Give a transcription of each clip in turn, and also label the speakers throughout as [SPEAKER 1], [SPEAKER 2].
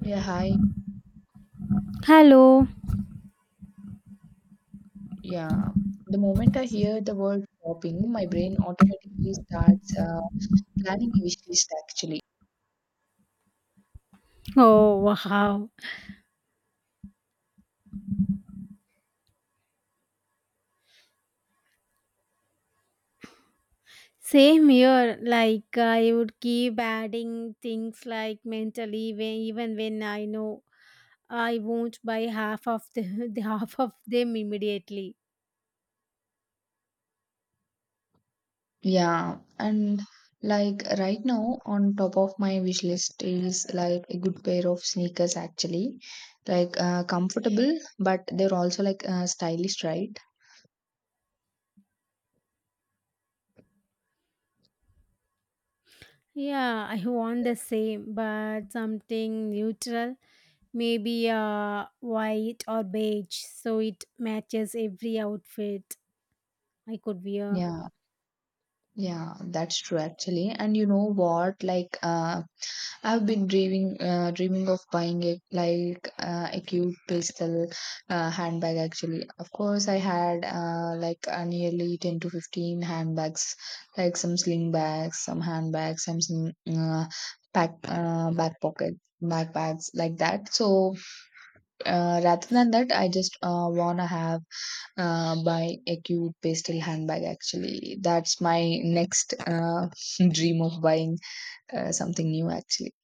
[SPEAKER 1] Yeah, hi.
[SPEAKER 2] Hello.
[SPEAKER 1] Yeah. The moment I hear the word shopping, my brain automatically starts planning a wish list actually.
[SPEAKER 2] Oh, wow. Same here. I would keep adding things like mentally, even when I know I won't buy the half of them immediately.
[SPEAKER 1] Yeah. And like right now, on top of my wish list is like a good pair of sneakers actually. Like comfortable, but they're also like stylish, right?
[SPEAKER 2] Yeah, I want the same, but something neutral, maybe white or beige, so it matches every outfit I could wear.
[SPEAKER 1] Yeah. Yeah, that's true actually. And you know what? Like I've been dreaming of buying it like a cute pastel handbag. Actually, of course, I had like nearly 10 to 15 handbags, like some sling bags, some handbags, and some pack back pocket backpacks like that. So rather than that, I just wanna have buy a cute pastel handbag. Actually, that's my next dream of buying something new. Actually.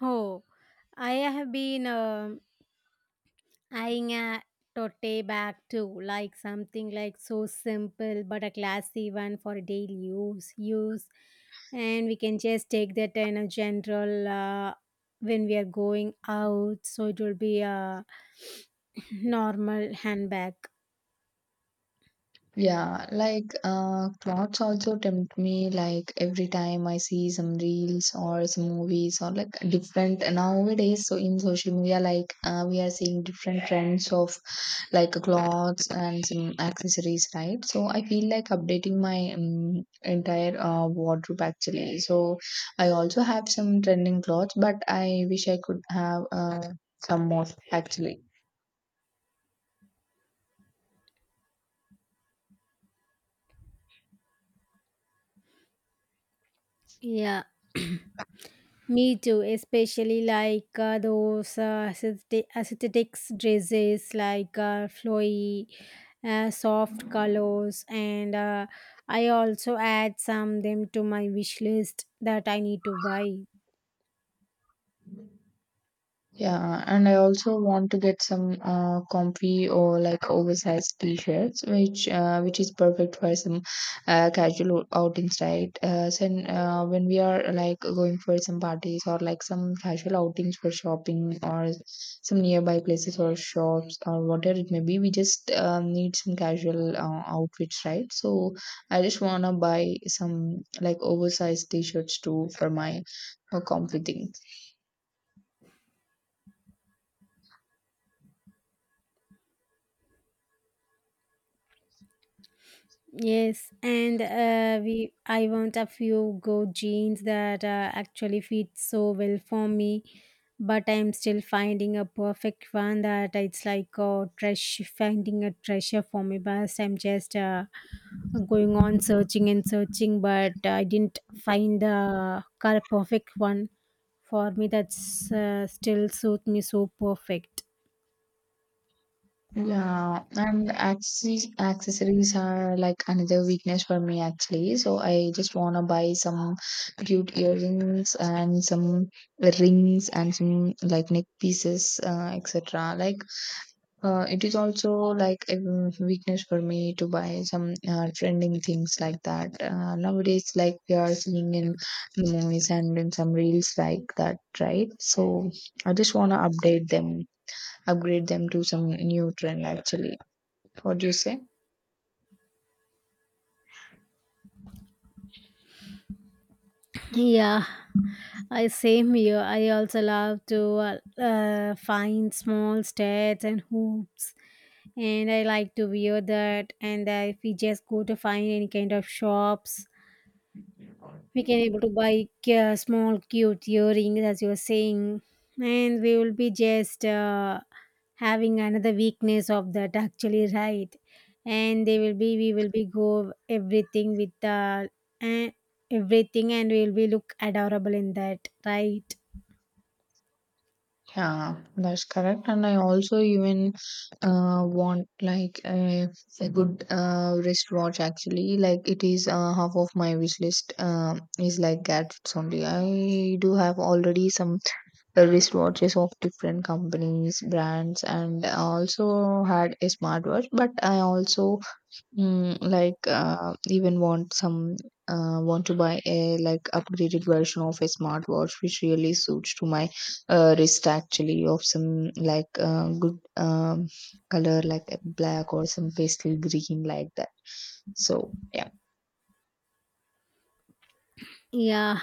[SPEAKER 2] Oh, I have been eyeing a tote bag too, like something like so simple but a classy one for daily use. Use, and we can just take that in a general when we are going out, so it will be a normal handbag.
[SPEAKER 1] Yeah, like clothes also tempt me. Like every time I see some reels or some movies or like different nowadays. So in social media, like we are seeing different trends of like clothes and some accessories, right? So I feel like updating my entire wardrobe actually. So I also have some trending clothes, but I wish I could have some more actually.
[SPEAKER 2] Yeah, me too, especially like those aesthetics dresses like flowy, soft colors, and I also add some them to my wish list that I need to buy.
[SPEAKER 1] Yeah, and I also want to get some comfy or like oversized t-shirts, which is perfect for some casual outings, right? So when we are like going for some parties or like some casual outings for shopping or some nearby places or shops or whatever it may be, we just need some casual outfits, right? So I just wanna buy some like oversized t-shirts too for my comfy thing.
[SPEAKER 2] Yes, and we I want a few go jeans that actually fit so well for me, but I'm still finding a perfect one that it's like a treasure finding a treasure for me. But I'm just going on searching and searching, but I didn't find the perfect one for me that's still suit me so perfect.
[SPEAKER 1] Yeah, and accessories are like another weakness for me actually. So I just wanna buy some cute earrings and some rings and some like neck pieces, etc. Like it is also like a weakness for me to buy some trending things like that. Nowadays, like we are seeing in movies and in some reels like that, right? So I just wanna update them, upgrade them to some new trend actually. What do you say?
[SPEAKER 2] Yeah, I same here. I also love to find small stats and hoops, and I like to wear that. And if we just go to find any kind of shops, we can able to buy small cute earrings, as you were saying, and we will be just having another weakness of that actually, right? And they will be we will be go everything with eh, everything, and we will be look adorable in that, right?
[SPEAKER 1] Yeah, that's correct. And I also even want like a good wristwatch actually. Like it is half of my wish list is like gadgets only. I do have already some wristwatches of different companies, brands, and I also had a smartwatch. But I also like even want some want to buy a like upgraded version of a smartwatch which really suits to my wrist actually of some like good color like a black or some pastel green like that so yeah.
[SPEAKER 2] Yeah,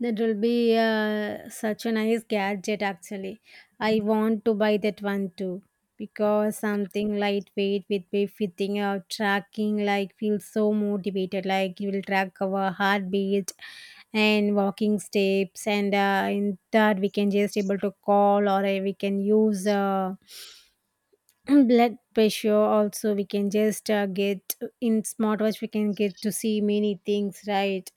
[SPEAKER 2] that will be such a nice gadget actually. I want to buy that one too because something lightweight with be fitting or tracking like feels so motivated like you will track our heartbeat and walking steps and in that we can just able to call or we can use blood pressure also we can just get in smartwatch we can get to see many things right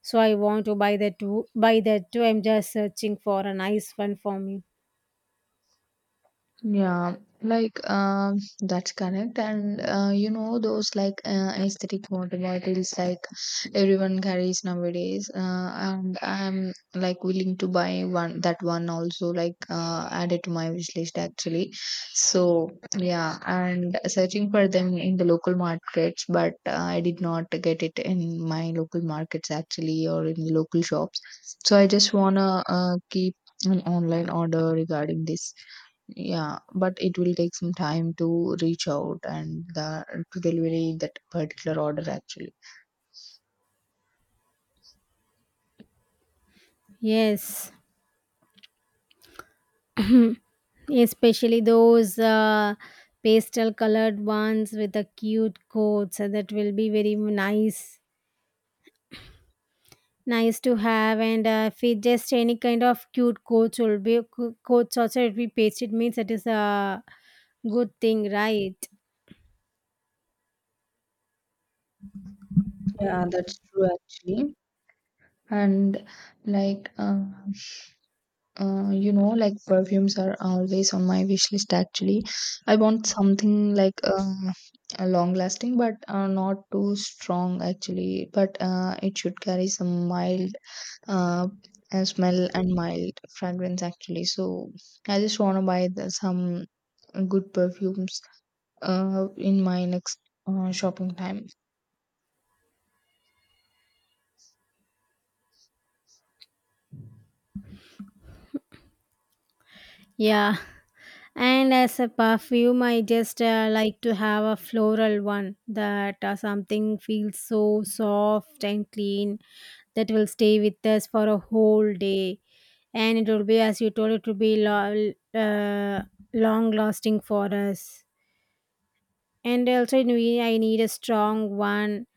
[SPEAKER 2] so I want to buy that too buy that too. I'm just searching for a nice one for me.
[SPEAKER 1] Yeah, like that's correct, and you know those like aesthetic water bottles like everyone carries nowadays. And I'm like willing to buy one that one also like add it to my wish list actually. So yeah, and searching for them in the local markets, but I did not get it in my local markets actually or in the local shops. So I just wanna keep an online order regarding this. Yeah, but it will take some time to reach out and the to delivery that particular order actually.
[SPEAKER 2] Yes, especially those pastel colored ones with the cute coats, that will be very nice nice to have. And if it just any kind of cute coats will be coats also if we paste it means that is a good thing, right?
[SPEAKER 1] Yeah, that's true actually. And like you know, like perfumes are always on my wish list actually. I want something like a long lasting but not too strong actually, but it should carry some mild uh, a smell and mild fragrance actually. So I just want to buy some good perfumes in my next shopping time.
[SPEAKER 2] Yeah. And as a perfume, I just like to have a floral one that something feels so soft and clean that will stay with us for a whole day. And it will be, as you told, it will be long lasting for us. And also, I need a strong one.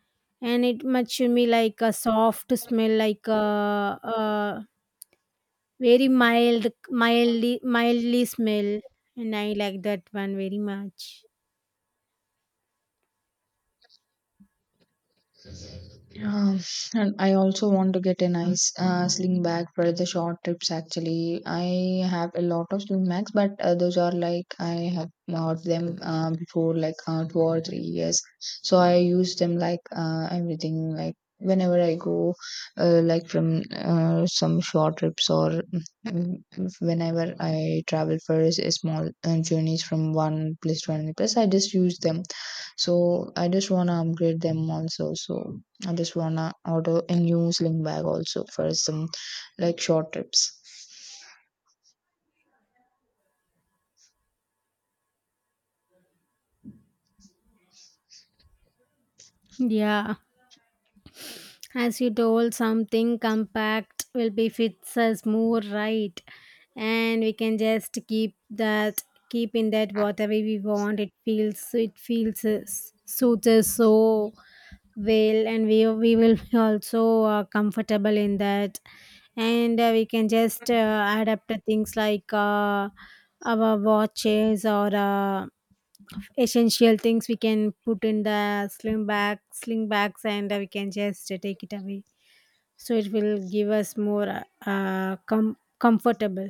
[SPEAKER 2] And it much should be like a soft smell, like very mild, mildly smell, and I like that one very much.
[SPEAKER 1] Um, and I also want to get a nice sling bag for the short trips. Actually, I have a lot of sling bags, but those are like I have bought them before like 2 or 3 years. So I use them like everything, like whenever I go, like from some short trips or mm, whenever I travel for a small journeys from one place to another place, I just use them so I just wanna upgrade them also. So I just wanna order a new sling bag also for some like short trips.
[SPEAKER 2] Yeah, as you told, something compact will be fits us more right, and we can just keep in that whatever we want. It feels suits us so well, and we will be also comfortable in that, and we can just adapt to things like our watches or. Essential things we can put in the sling bags and we can just take it away so it will give us more comfortable.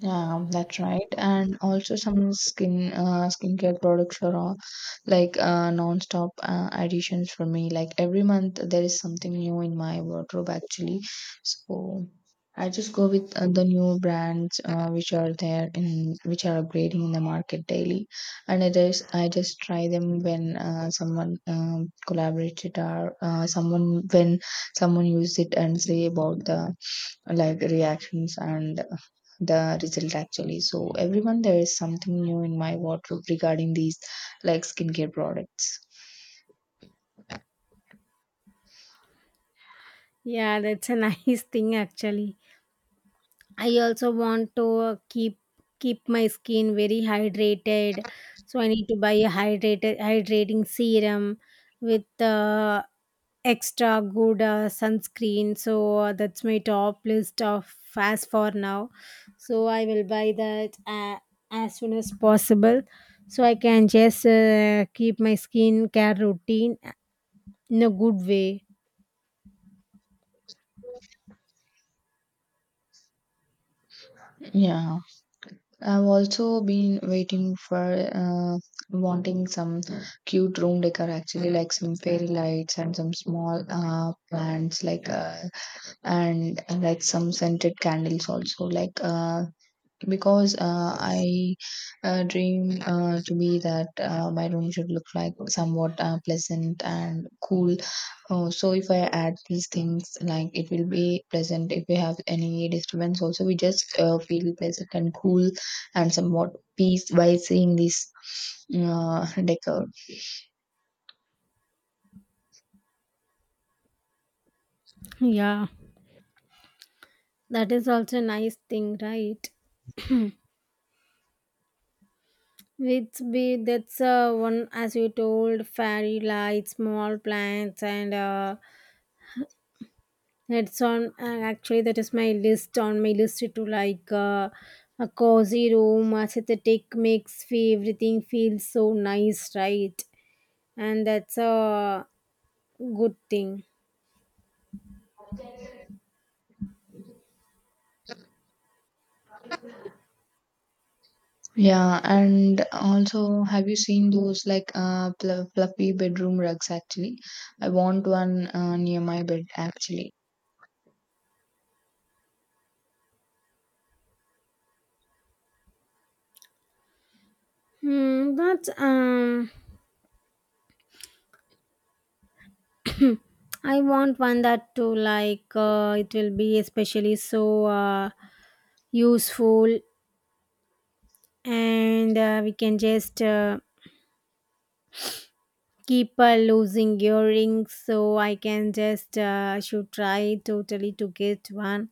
[SPEAKER 1] Yeah, that's right. And also some skincare products are like non-stop additions for me like every month there is something new in my wardrobe actually so I just go with the new brands which are there in which are upgrading in the market daily and it is I just try them when someone collaborates it or someone used it and say about the like reactions and the result actually. So everyone there is something new in my wardrobe regarding these like skincare products.
[SPEAKER 2] Yeah, that's a nice thing actually. I also want to keep my skin very hydrated, so I need to buy a hydrated hydrating serum with extra good sunscreen. So that's my top list of fast for now. So I will buy that as soon as possible, so I can just keep my skincare routine in a good way.
[SPEAKER 1] Yeah. I've also been waiting for wanting some cute room decor actually like some fairy lights and some small plants like and like some scented candles also like because I dream to be that my room should look like somewhat pleasant and cool. So if I add these things, like it will be pleasant. If we have any disturbance, also we just feel pleasant and cool and somewhat peace by seeing this decor.
[SPEAKER 2] Yeah, that is also a nice thing, right? It's be that's one, as you told, fairy lights, small plants, and it's on. And actually, that is my list on my list to like a cozy room, aesthetic makes fee everything feels so nice, right? And that's a good thing.
[SPEAKER 1] Yeah, and also have you seen those like fluffy bedroom rugs? Actually, I want one near my bed actually.
[SPEAKER 2] Hmm, but I want one that to like it will be especially so useful, and we can just. Keep losing earrings, so I can just should try totally to get one.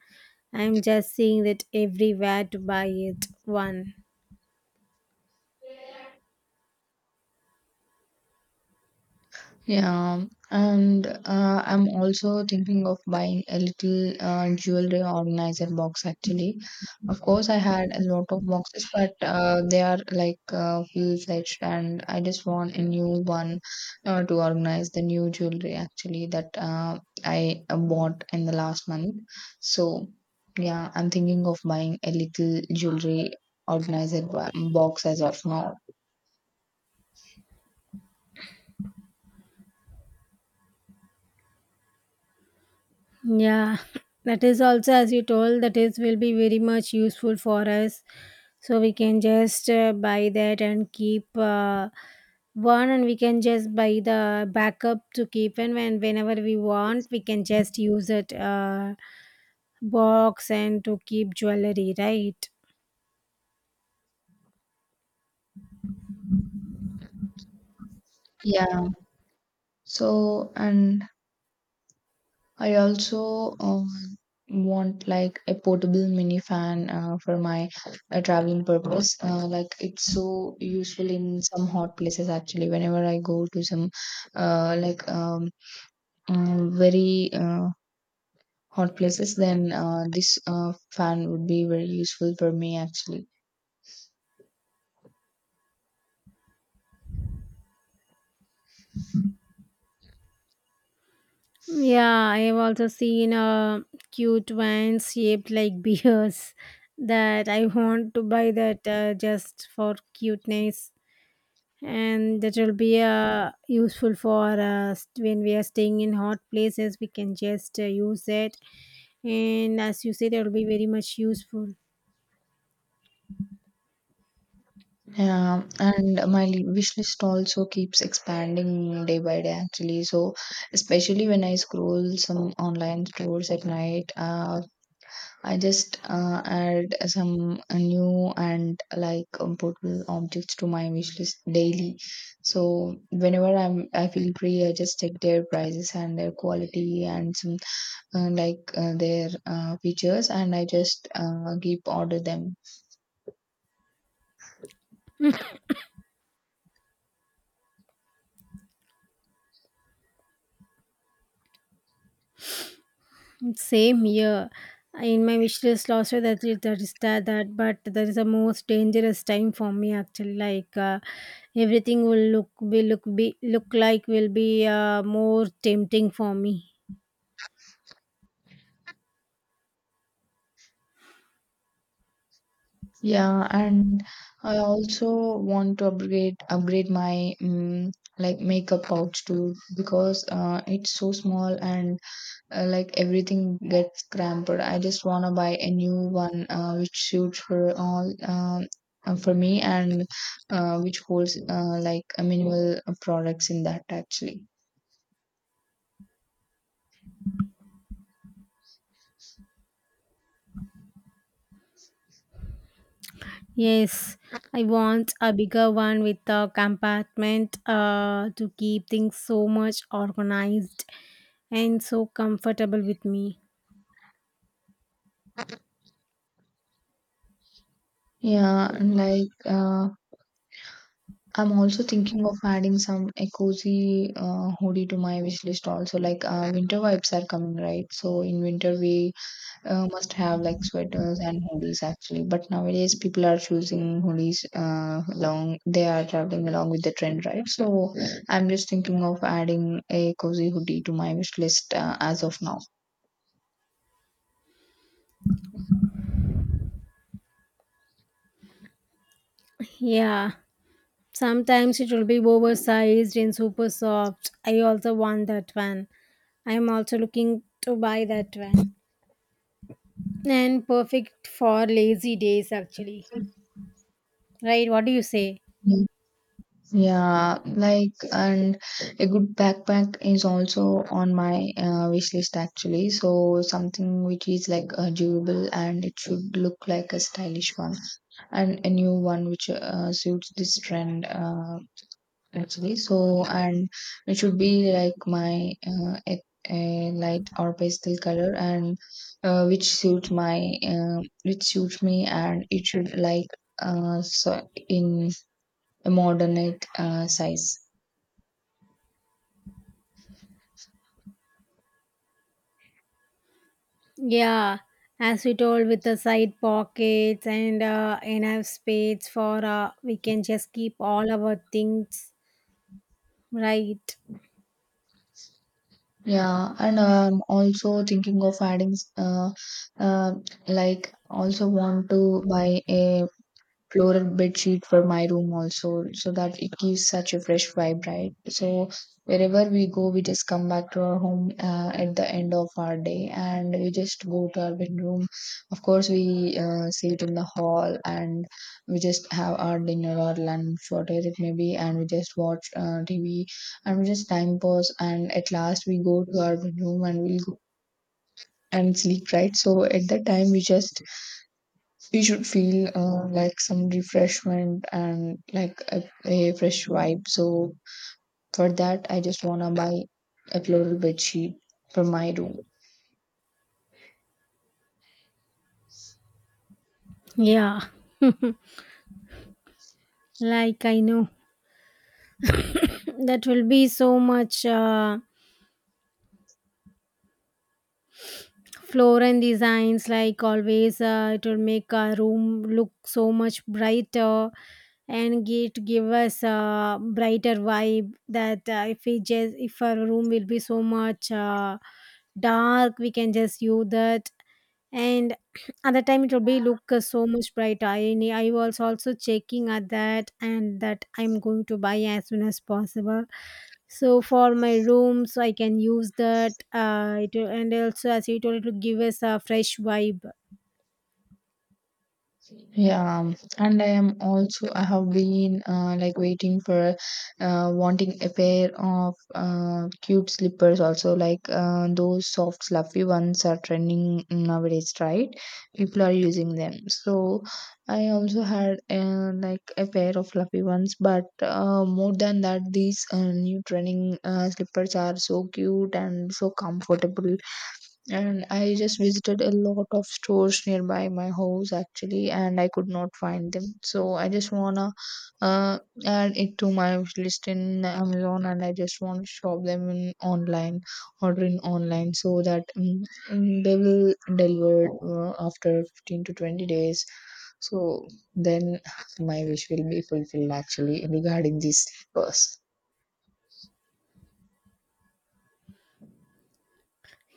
[SPEAKER 2] I'm just seeing that everywhere to buy it one.
[SPEAKER 1] Yeah, and I'm also thinking of buying a little jewelry organizer box actually. Of course, I had a lot of boxes, but they are like full-fledged, and I just want a new one to organize the new jewelry actually that I bought in the last month. So, yeah, I'm thinking of buying a little jewelry organizer box as of now.
[SPEAKER 2] Yeah. That is also, as you told, that is will be very much useful for us, so we can just buy that and keep one, and we can just buy the backup to keep. And whenever we want, we can just use it box and to keep jewelry, right?
[SPEAKER 1] Yeah. So, and I also want like a portable mini fan for my traveling purpose. Like it's so useful in some hot places actually. Whenever I go to some like very hot places, then this fan would be very useful for me actually.
[SPEAKER 2] Yeah, I have also seen cute vans shaped like beers, that I want to buy that just for cuteness. And that will be useful for us when we are staying in hot places. We can just use it, and as you said, it will be very much useful.
[SPEAKER 1] Yeah, and my wish list also keeps expanding day by day actually. So especially when I scroll some online stores at night, I just add some new and like important objects to my wish list daily. So whenever I feel free, I just check their prices and their quality and some like their features, and I just keep order them.
[SPEAKER 2] Same here. In my wish list also, that, but that is the most dangerous time for me actually. Like everything will look like will be more tempting for me.
[SPEAKER 1] Yeah, and I also want to upgrade my like makeup pouch too because it's so small and like everything gets cramped. I just want to buy a new one which suits for all for me and which holds like a minimal products in that actually.
[SPEAKER 2] Yes, I want a bigger one with a compartment to keep things so much organized and so comfortable with me.
[SPEAKER 1] Yeah, and like I'm also thinking of adding some a cozy hoodie to my wish list also. Like winter vibes are coming, right? So in winter we must have like sweaters and hoodies actually but nowadays people are choosing hoodies along they are traveling along with the trend right so I'm just thinking of adding a cozy hoodie to my wish list as of now.
[SPEAKER 2] Yeah. Sometimes it will be oversized and super soft. I also want that one. I'm also looking to buy that one. And perfect for lazy days, actually. Right? What do you say?
[SPEAKER 1] Mm. Yeah like and a good backpack is also on my wish list actually so something which is like durable and it should look like a stylish one and a new one which suits this trend actually so and it should be like my a light or pastel color and which suits me and it should like so in a moderate size.
[SPEAKER 2] Yeah, as we told, with the side pockets and enough space for we can just keep all our things. Right?
[SPEAKER 1] Yeah and also thinking of adding uh, like also want to buy a floral bed sheet for my room also so that it gives such a fresh vibe right so wherever we go we just come back to our home at the end of our day and we just go to our bedroom of course we sit in the hall and we just have our dinner or lunch whatever it may be and we just watch tv and we just time pause and at last we go to our bedroom and we'll go and sleep right so at that time we just we should feel like some refreshment and like a fresh vibe. So for that, I just wanna buy a floral bed sheet for my room.
[SPEAKER 2] Yeah, like I know that will be so much. Floral designs, like always, it will make a room look so much brighter, and it give us a brighter vibe. That if we just if our room will be so much dark, we can just use that. And at the time, it will be look so much brighter. I was also checking at that, and that I'm going to buy as soon as possible so for my room, so I can use that. And also, as you told, it will give us a fresh vibe.
[SPEAKER 1] Yeah, and I am also I have been like waiting for wanting a pair of cute slippers also like those soft fluffy ones are trending nowadays, right? People are using them. So I also had like a pair of fluffy ones, but more than that, these new trending slippers are so cute and so comfortable, and I just visited a lot of stores nearby my house actually, and I could not find them. So I just wanna uh, add it to my list in Amazon, and I just want to shop them in online, order in online, so that they will deliver after 15 to 20 days. So then my wish will be fulfilled actually regarding these slippers.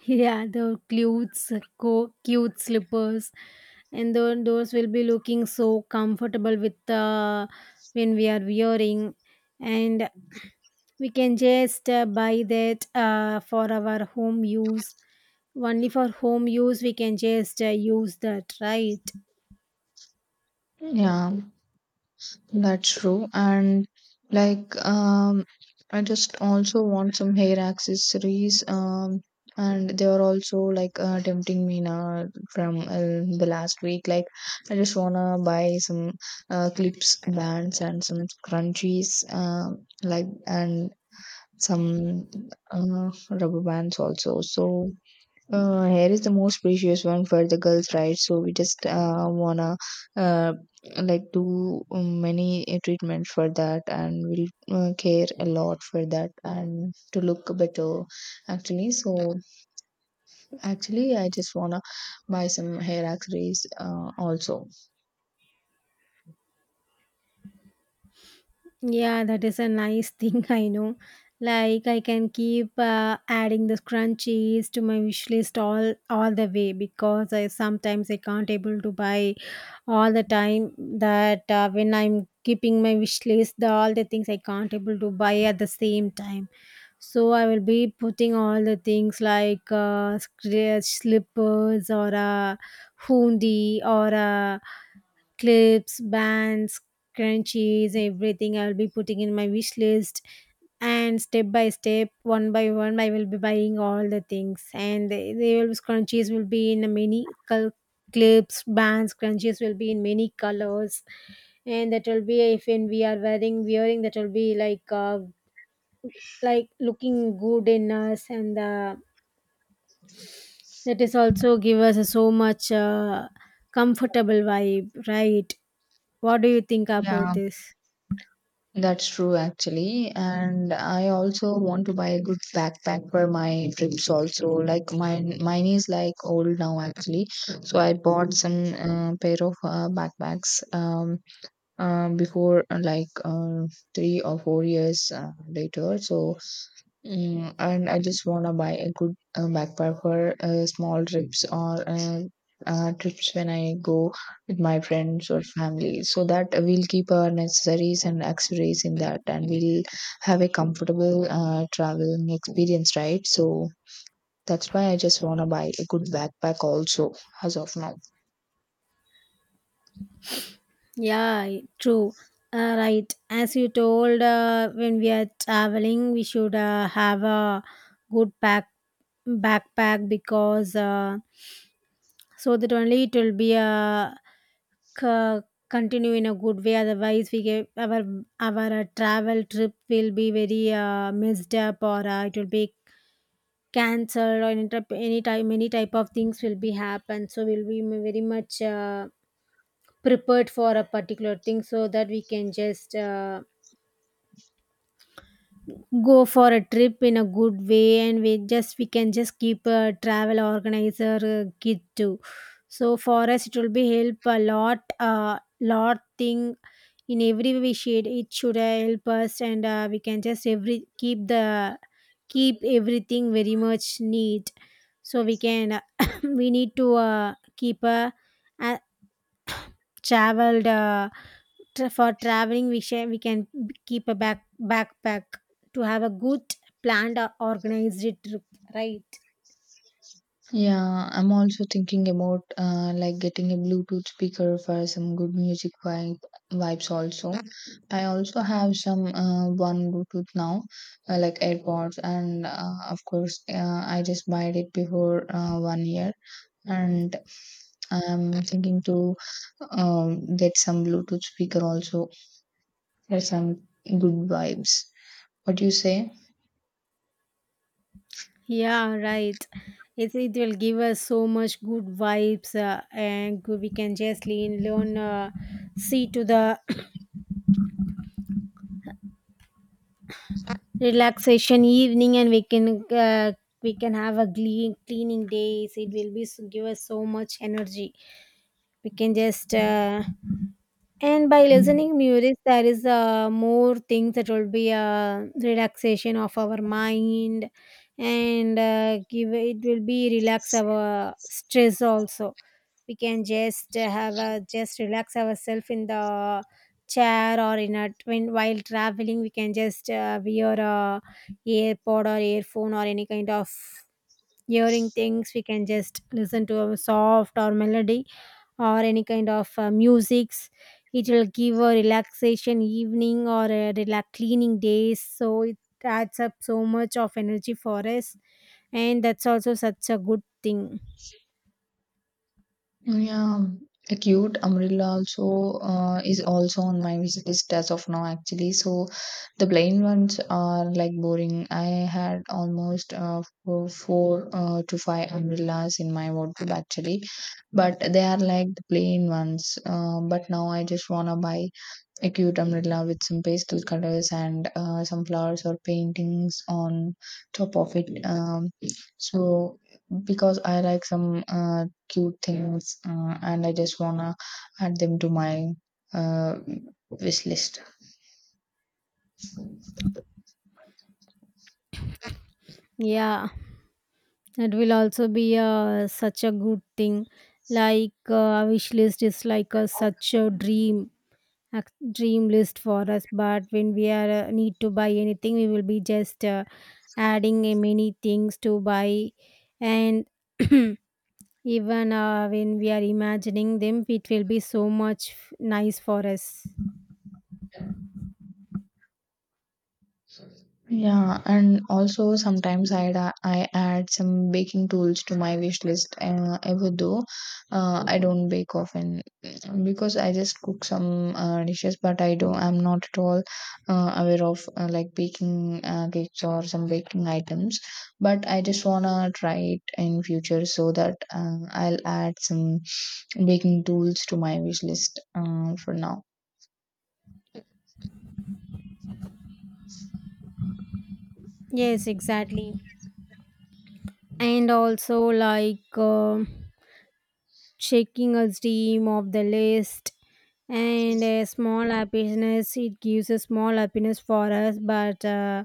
[SPEAKER 2] Yeah, the clothes, cute slippers, and those will be looking so comfortable with when we are wearing, and we can just buy that for our home use. Only for home use, we can just use that, right?
[SPEAKER 1] Yeah. That's true. And like I just also want some hair accessories. And they are also like tempting me now from the last week. Like I just wanna buy some clips bands and some scrunchies like and some uh, rubber bands also. So hair is the most precious one for the girls, right? So we just wanna uh, like do many treatments for that, and we'll care a lot for that, and to look better, actually. So actually, I just wanna buy some hair accessories also.
[SPEAKER 2] Yeah, that is a nice thing, I know. Like I can keep adding the scrunchies to my wish list all the way, because I sometimes I can't able to buy all the time that when I'm keeping my wish list, the all the things I can't able to buy at the same time. So I will be putting all the things like slippers or a hoodie or a clips, bands, crunchies, everything I will be putting in my wish list. And step by step, one by one, I will be buying all the things. And they will scrunchies will be in many clips, bands, crunchies will be in many colors. And that will be if when we are wearing that will be like looking good in us, and that is also give us a so much comfortable vibe, right? What do you think about
[SPEAKER 1] Yeah,
[SPEAKER 2] this?
[SPEAKER 1] that's true actually. And I also want to buy a good backpack for my trips also. Like mine is like old now actually. So I bought some pair of backpacks before like 3 or 4 years later. So and I just want to buy a good backpack for small trips or trips when I go with my friends or family, so that we'll keep our necessaries and accessories in that, and we'll have a comfortable traveling experience, right? So that's why I just want to buy a good backpack also as of now.
[SPEAKER 2] Yeah, true. Right. As you told, when we are traveling, we should have a good pack backpack, because so that only it will be a c- continue in a good way. Otherwise, we get our travel trip will be very messed up, or it will be cancelled or any type many type of things will be happen. So we'll be very much. Prepared for a particular thing so that we can just go for a trip in a good way, and we can just keep a travel organizer kit too, so for us it will be help a lot, uh, lot thing, in every way we should it should help us. And we can just every keep the keep everything very much neat, so we can we need to keep a traveled for traveling we share we can keep a backpack to have a good planned or organized trip, right?
[SPEAKER 1] Yeah, I'm also thinking about like getting a Bluetooth speaker for some good music vibes also. I also have some one Bluetooth now, like AirPods, and of course, I just bought it before one year, and I'm thinking to get some Bluetooth speaker also for some good vibes. What do you say?
[SPEAKER 2] Yeah, right. It will give us so much good vibes, and we can just lean learn see to the relaxation evening, and we can have a clean cleaning days, it will be give us so much energy. We can just and by listening music, there is more things that will be a relaxation of our mind, and give it will be relax our stress also. We can just have a just relax ourselves in the chair, or in a when while traveling. We can just wear a earpod or earphone, or any kind of hearing things. We can just listen to a soft or melody or any kind of musics. It will give a relaxation evening or a relax cleaning days, so it adds up so much of energy for us, and that's also such a good thing.
[SPEAKER 1] Yeah, a cute umbrella also is also on my wish list as of now actually. So the plain ones are like boring. I had almost four to five umbrellas in my wardrobe actually, but they are like the plain ones. But now I just wanna buy a cute umbrella with some pastel colors and some flowers or paintings on top of it, so because I like some cute things and I just wanna add them to my uh, wish list.
[SPEAKER 2] Yeah, that will also be such a good thing. Like a wish list is like a such a dream, a dream list for us, but when we are need to buy anything, we will be just adding many things to buy. And even when we are imagining them, it will be so much nice for us.
[SPEAKER 1] Yeah, and also sometimes I add some baking tools to my wish list, even though I don't bake often, because I just cook some dishes, but I don't. I'm not at all aware of like baking cakes or some baking items. But I just wanna try it in future so that I'll add some baking tools to my wish list for now.
[SPEAKER 2] Yes, exactly. And also, like checking a stream of the list and a small happiness, it gives a small happiness for us, but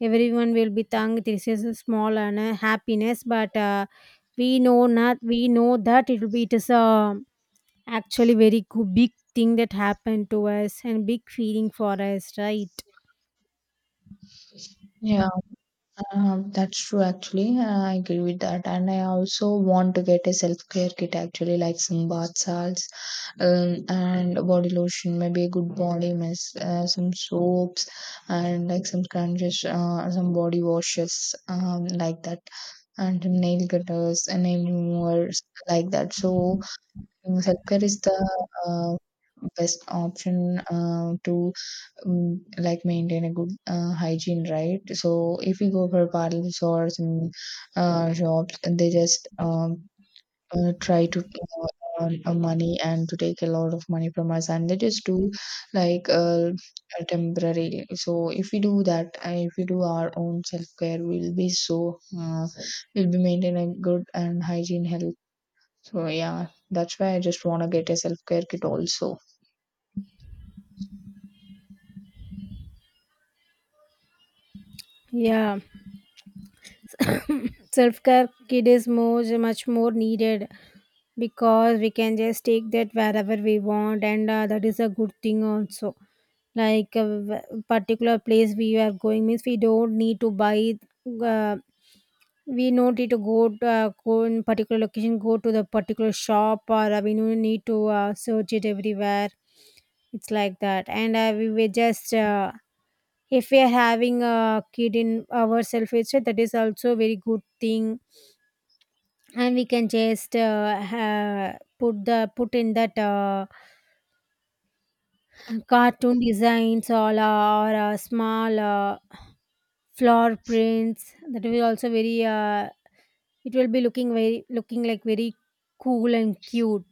[SPEAKER 2] everyone will be thanked, this is a small and a happiness, but we know not we know that it will be it is a actually very good, big thing that happened to us, and big feeling for us, right?
[SPEAKER 1] Yeah. That's true actually. I agree with that. And I also want to get a self-care kit actually, like some bath salts, and body lotion, maybe a good body mist, some soaps and like some sponges, some body washes, like that, and some nail cutters and nail removers like that. So self-care is the uh, best option to like maintain a good hygiene, right? So if we go for parlors or some shops, they just try to earn money and to take a lot of money from us, and they just do like temporary. So if we do that, if we do our own self-care, we'll be so we'll be maintaining a good and hygiene health. So yeah, that's why I just want to get a self-care kit also.
[SPEAKER 2] Yeah, self care kid is more much more needed, because we can just take that wherever we want, and that is a good thing also. Like a particular place we are going means we don't need to buy. Uh, we don't need to, go in particular location, go to the particular shop, or we don't need to search it everywhere. It's like that, and we were just if we are having a kid in our self hatred, that is also very good thing. And we can just put the put in that cartoon designs, or small flower prints, that will also very it will be looking very looking like very cool and cute.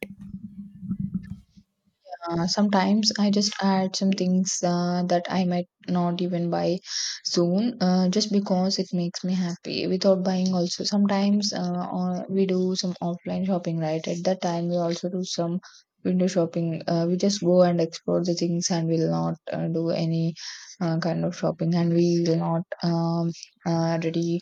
[SPEAKER 1] Sometimes I just add some things that I might not even buy soon, just because it makes me happy without buying. Also, sometimes we do some offline shopping, right? At that time, we also do some window shopping. We just go and explore the things, and we'll not do any kind of shopping, and we will not ready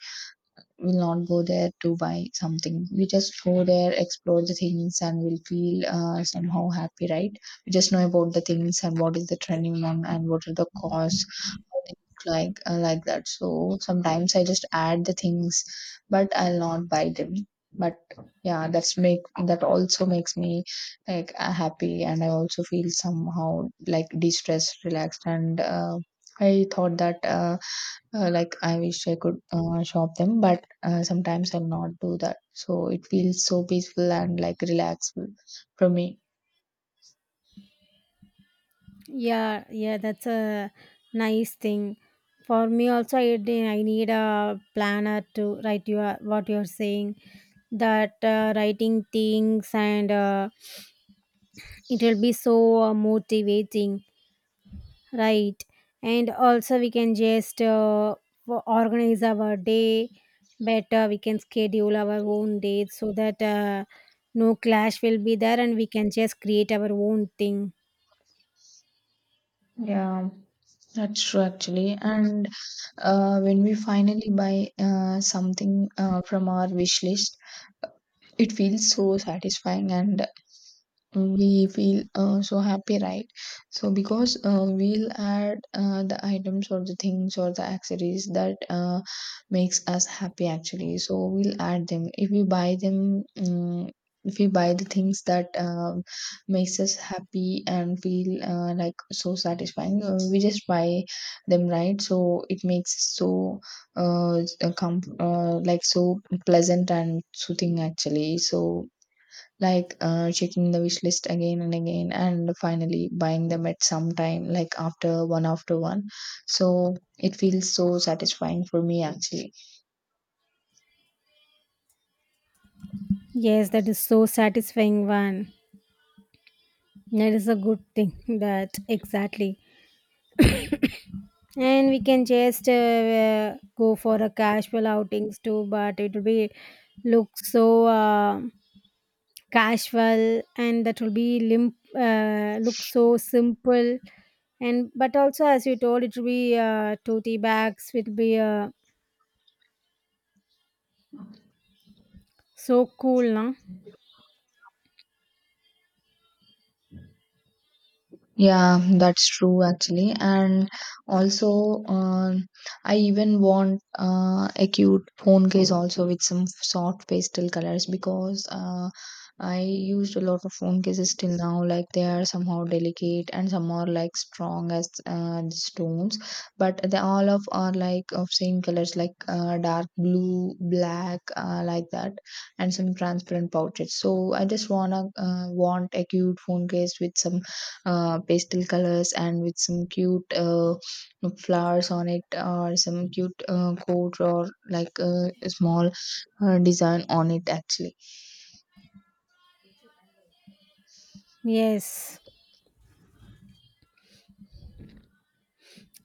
[SPEAKER 1] will not go there to buy something. We just go there, explore the things, and we'll feel somehow happy, right? We just know about the things and what is the trending on and what are the costs, how they look like that. So sometimes I just add the things, but I'll not buy them. But yeah, that also makes me like happy, and I also feel somehow like de stressed, relaxed, and I thought that. Like I wish I could shop them, but sometimes I'll not do that. So it feels so peaceful and like relaxful for me.
[SPEAKER 2] Yeah, yeah, that's a nice thing. For me also, I, I need a planner to write your what you're saying. That writing things, and it will be so motivating, right? And also, we can just organize our day better. We can schedule our own dates so that no clash will be there, and we can just create our own thing.
[SPEAKER 1] Yeah, that's true actually. And when we finally buy something from our wish list, it feels so satisfying and we feel so happy, right? So because we'll add the items or the things or the accessories that makes us happy actually, so we'll add them if we buy them. If we buy the things that makes us happy and feel like so satisfying, we just buy them, right? So it makes us so uh, like so pleasant and soothing actually. So like checking the wish list again and again and finally buying them at some time, like after one after one, so it feels so satisfying for me actually.
[SPEAKER 2] Yes, that is so satisfying one. That is a good thing. That exactly. And we can just go for a casual outings too, but it will be look so casual, and that will be limp, look so simple. And but also, as you told, it will be tote bags. It will be so cool, no?
[SPEAKER 1] Yeah, that's true actually. And also, I even want a cute phone case also with some soft pastel colors because I used a lot of phone cases till now. Like they are somehow delicate and some are like strong as the stones, but they all of are like of same colors, like dark blue, black, like that, and some transparent pouches. So I just wanna want a cute phone case with some pastel colors and with some cute flowers on it or some cute coat or like a small design on it actually.
[SPEAKER 2] Yes,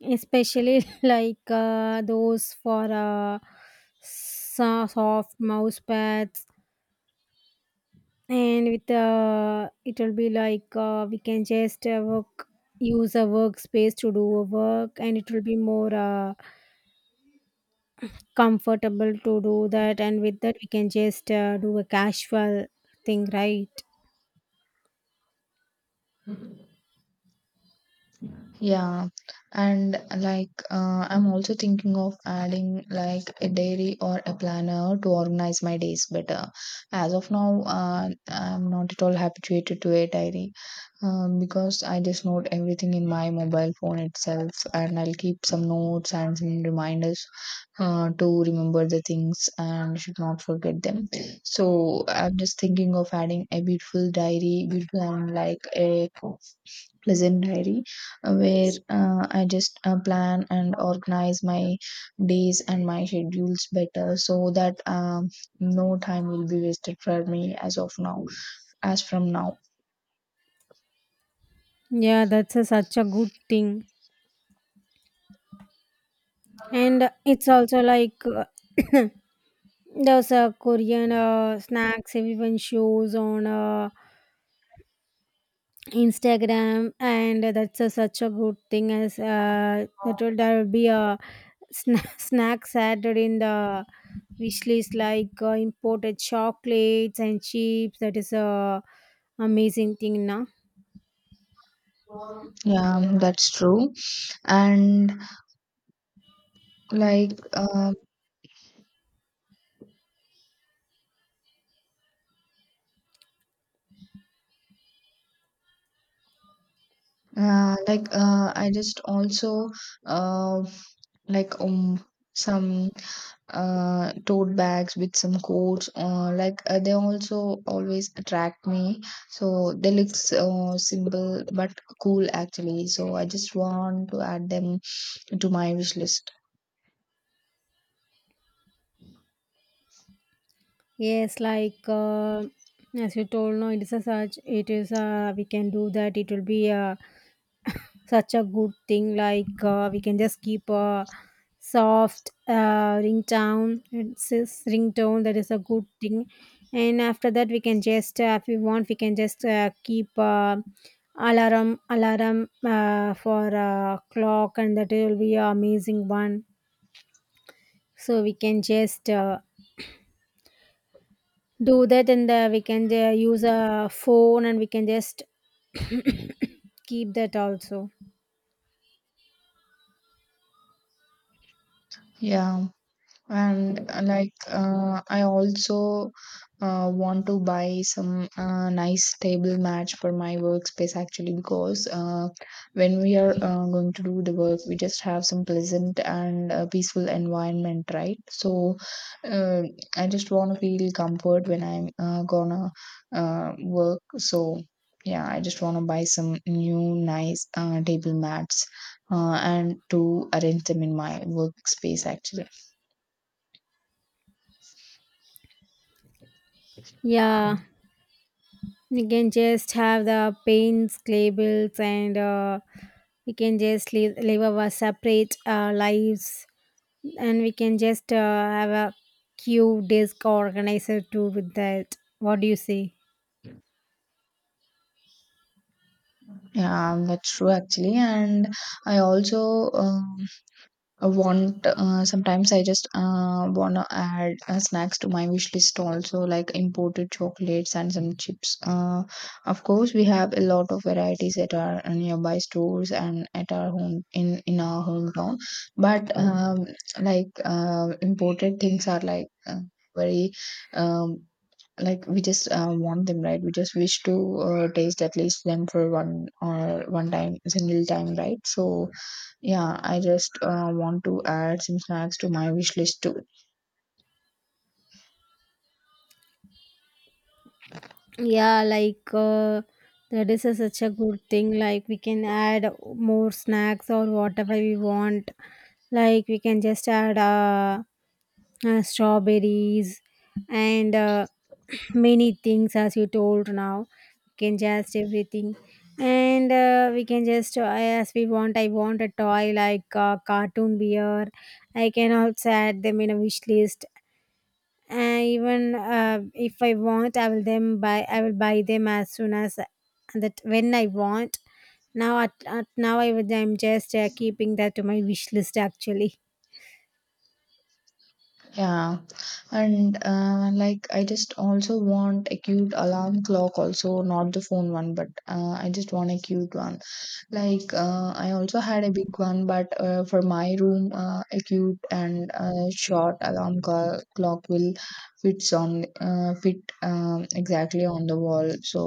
[SPEAKER 2] especially like those for soft mouse pads, and with it will be like we can just work use a workspace to do a work, and it will be more comfortable to do that. And with that, we can just do a casual thing, right?
[SPEAKER 1] Yeah, and like I'm also thinking of adding like a diary or a planner to organize my days better. As of now, I'm not at all habituated to a diary. Because I just note everything in my mobile phone itself, and I'll keep some notes and some reminders to remember the things and should not forget them. So I'm just thinking of adding a beautiful diary, beautiful and like a pleasant diary where I just plan and organize my days and my schedules better so that no time will be wasted for me as of now, as from now.
[SPEAKER 2] Yeah, that's such a good thing. And it's also like there's a Korean snacks everyone shows on Instagram, and that's such a good thing. As that will there will be a snacks added in the wish list, like imported chocolates and chips. That is a amazing thing now.
[SPEAKER 1] Yeah, that's true. And like, uh, like I just also uh, like some tote bags with some coats. Like they also always attract me. So they look so simple but cool actually. So I just want to add them to my wish list.
[SPEAKER 2] Yes, like as you told, no, it is a such. It is we can do that. It will be such a good thing. Like we can just keep a soft ringtone. It's this ringtone that is a good thing. And after that, we can just, if we want, we can just keep. Alarm for clock, and that will be an amazing one. So we can just do that, and we can use a phone, and we can just keep that also.
[SPEAKER 1] Yeah. And like I also want to buy some nice table mat for my workspace actually, because when we are going to do the work, we just have some pleasant and peaceful environment, right? So uh, I just want to feel comfort when I'm gonna work. So yeah, I just want to buy some new nice table mats and to arrange them in my workspace actually.
[SPEAKER 2] Yeah, we can just have the paints labels, and we can just live our separate lives, and we can just have a cute desk organizer too with that, what do you say?
[SPEAKER 1] Yeah, that's true actually. And I also um, sometimes I just wanna add snacks to my wish list also, like imported chocolates and some chips. Of course, we have a lot of varieties at our nearby stores and at our home in our hometown. But like imported things are like very, um, like we just want them, right? We just wish to taste at least them for one or one time single time, right? So yeah, I just want to add some snacks to my wish list too.
[SPEAKER 2] Yeah, like that is such a good thing. Like we can add more snacks or whatever we want. Like we can just add strawberries and many things, as you told now. We can just everything. And we can just, as we want, I want a toy like cartoon beer. I can also add them in a wish list. And even if I want, I will them buy I will buy them as soon as that when I want. Now at now I would I'm just keeping that to my wish list actually.
[SPEAKER 1] Yeah, and like I just also want a cute alarm clock also, not the phone one, but I just want a cute one. Like I also had a big one, but for my room, a cute and short alarm clock will fit exactly on the wall. So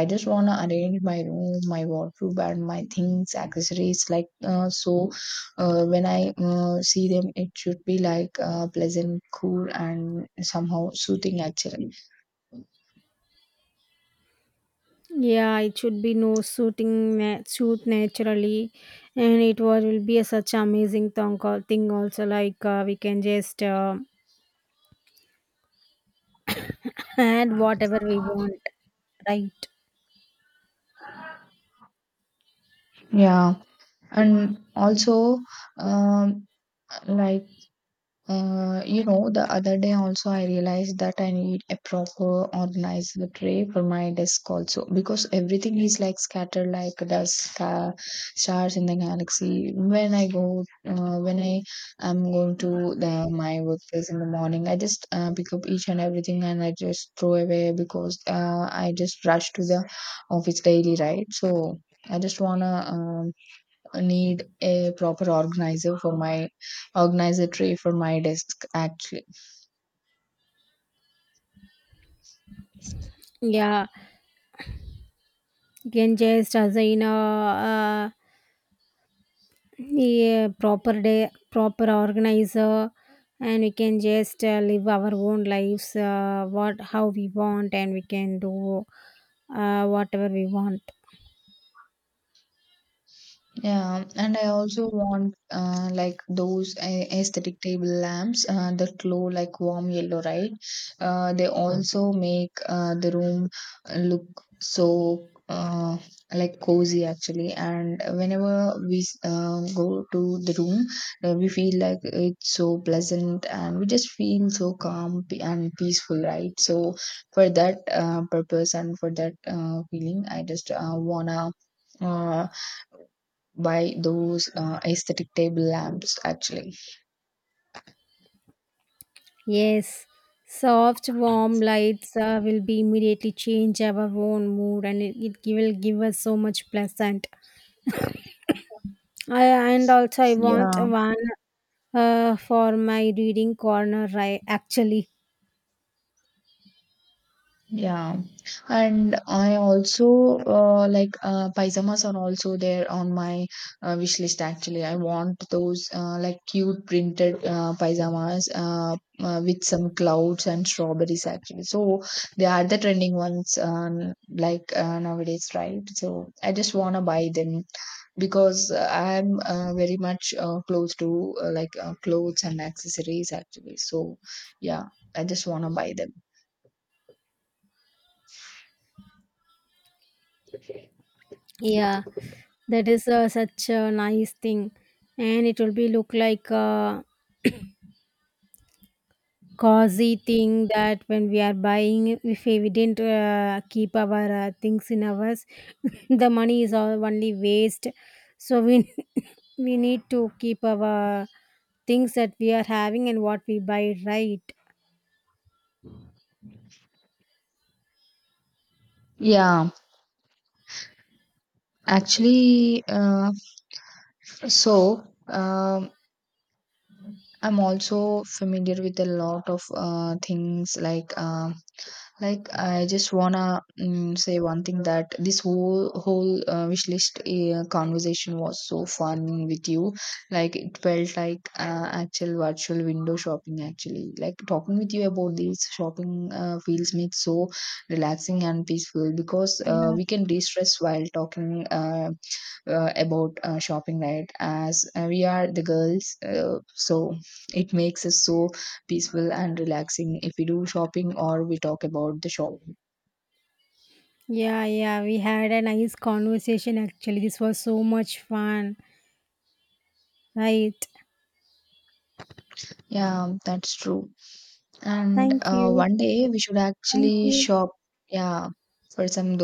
[SPEAKER 1] I just wanna arrange my room, my wardrobe, and my things, accessories like so. When I see them, it should be like pleasant, cool, and somehow soothing, actually.
[SPEAKER 2] Yeah, it should be no suiting suit naturally. And it was will be a such amazing thong call thing also. Like we can just add whatever we want, right?
[SPEAKER 1] Yeah, and also um, like the other day also I realized that I need a proper organized tray for my desk also because everything is like scattered like dust, stars in the galaxy. When I am going to the my workplace in the morning, I just pick up each and everything and I just throw away because I just rush to the office daily, right? So I just wanna need a proper organizer for my organizer tray for my desk actually.
[SPEAKER 2] Yeah. You can just assign a yeah, proper day, proper organizer, and we can just live our own lives, what how we want, and we can do whatever we want.
[SPEAKER 1] Yeah, and I also want like those aesthetic table lamps that glow like warm yellow, right? They also make the room look so like cozy actually. And whenever we go to the room, we feel like it's so pleasant and we just feel so and peaceful, right? So for that purpose and for that feeling, I just wanna. Uh, by those aesthetic table lamps actually.
[SPEAKER 2] Yes, soft, warm lights will be immediately change our own mood, and it will give us so much pleasant. I, and also, I want
[SPEAKER 1] Yeah.
[SPEAKER 2] one for my reading corner, right? Actually,
[SPEAKER 1] Yeah, and I also like pyjamas are also there on my wish list actually. I want those like cute printed pyjamas with some clouds and strawberries actually. So they are the trending ones, like nowadays, right? So I just want to buy them, because I'm very much close to like clothes and accessories actually. So yeah, I just want to buy them.
[SPEAKER 2] yeah, that is such a nice thing, and it will be look like a cozy thing. That when we are buying, if we didn't keep our things in ours, the money is all only waste. So we we need to keep our things that we are having and what we buy, right.
[SPEAKER 1] Yeah, actually, so um, I'm also familiar with a lot of things like like I just wanna say one thing that this whole wish list conversation was so fun with you. Like it felt like actual virtual window shopping. Actually, like talking with you about these shopping feels makes so relaxing and peaceful because
[SPEAKER 2] Yeah.
[SPEAKER 1] we can de-stress while talking about shopping, right? As we are the girls, so it makes us so peaceful and relaxing if we do shopping or we talk about the shop.
[SPEAKER 2] Yeah, yeah, we had a nice conversation actually. This was so much fun, right?
[SPEAKER 1] Yeah, that's true. And
[SPEAKER 2] Thank you.
[SPEAKER 1] one day we should
[SPEAKER 2] Thank
[SPEAKER 1] actually
[SPEAKER 2] you.
[SPEAKER 1] shop, yeah, for some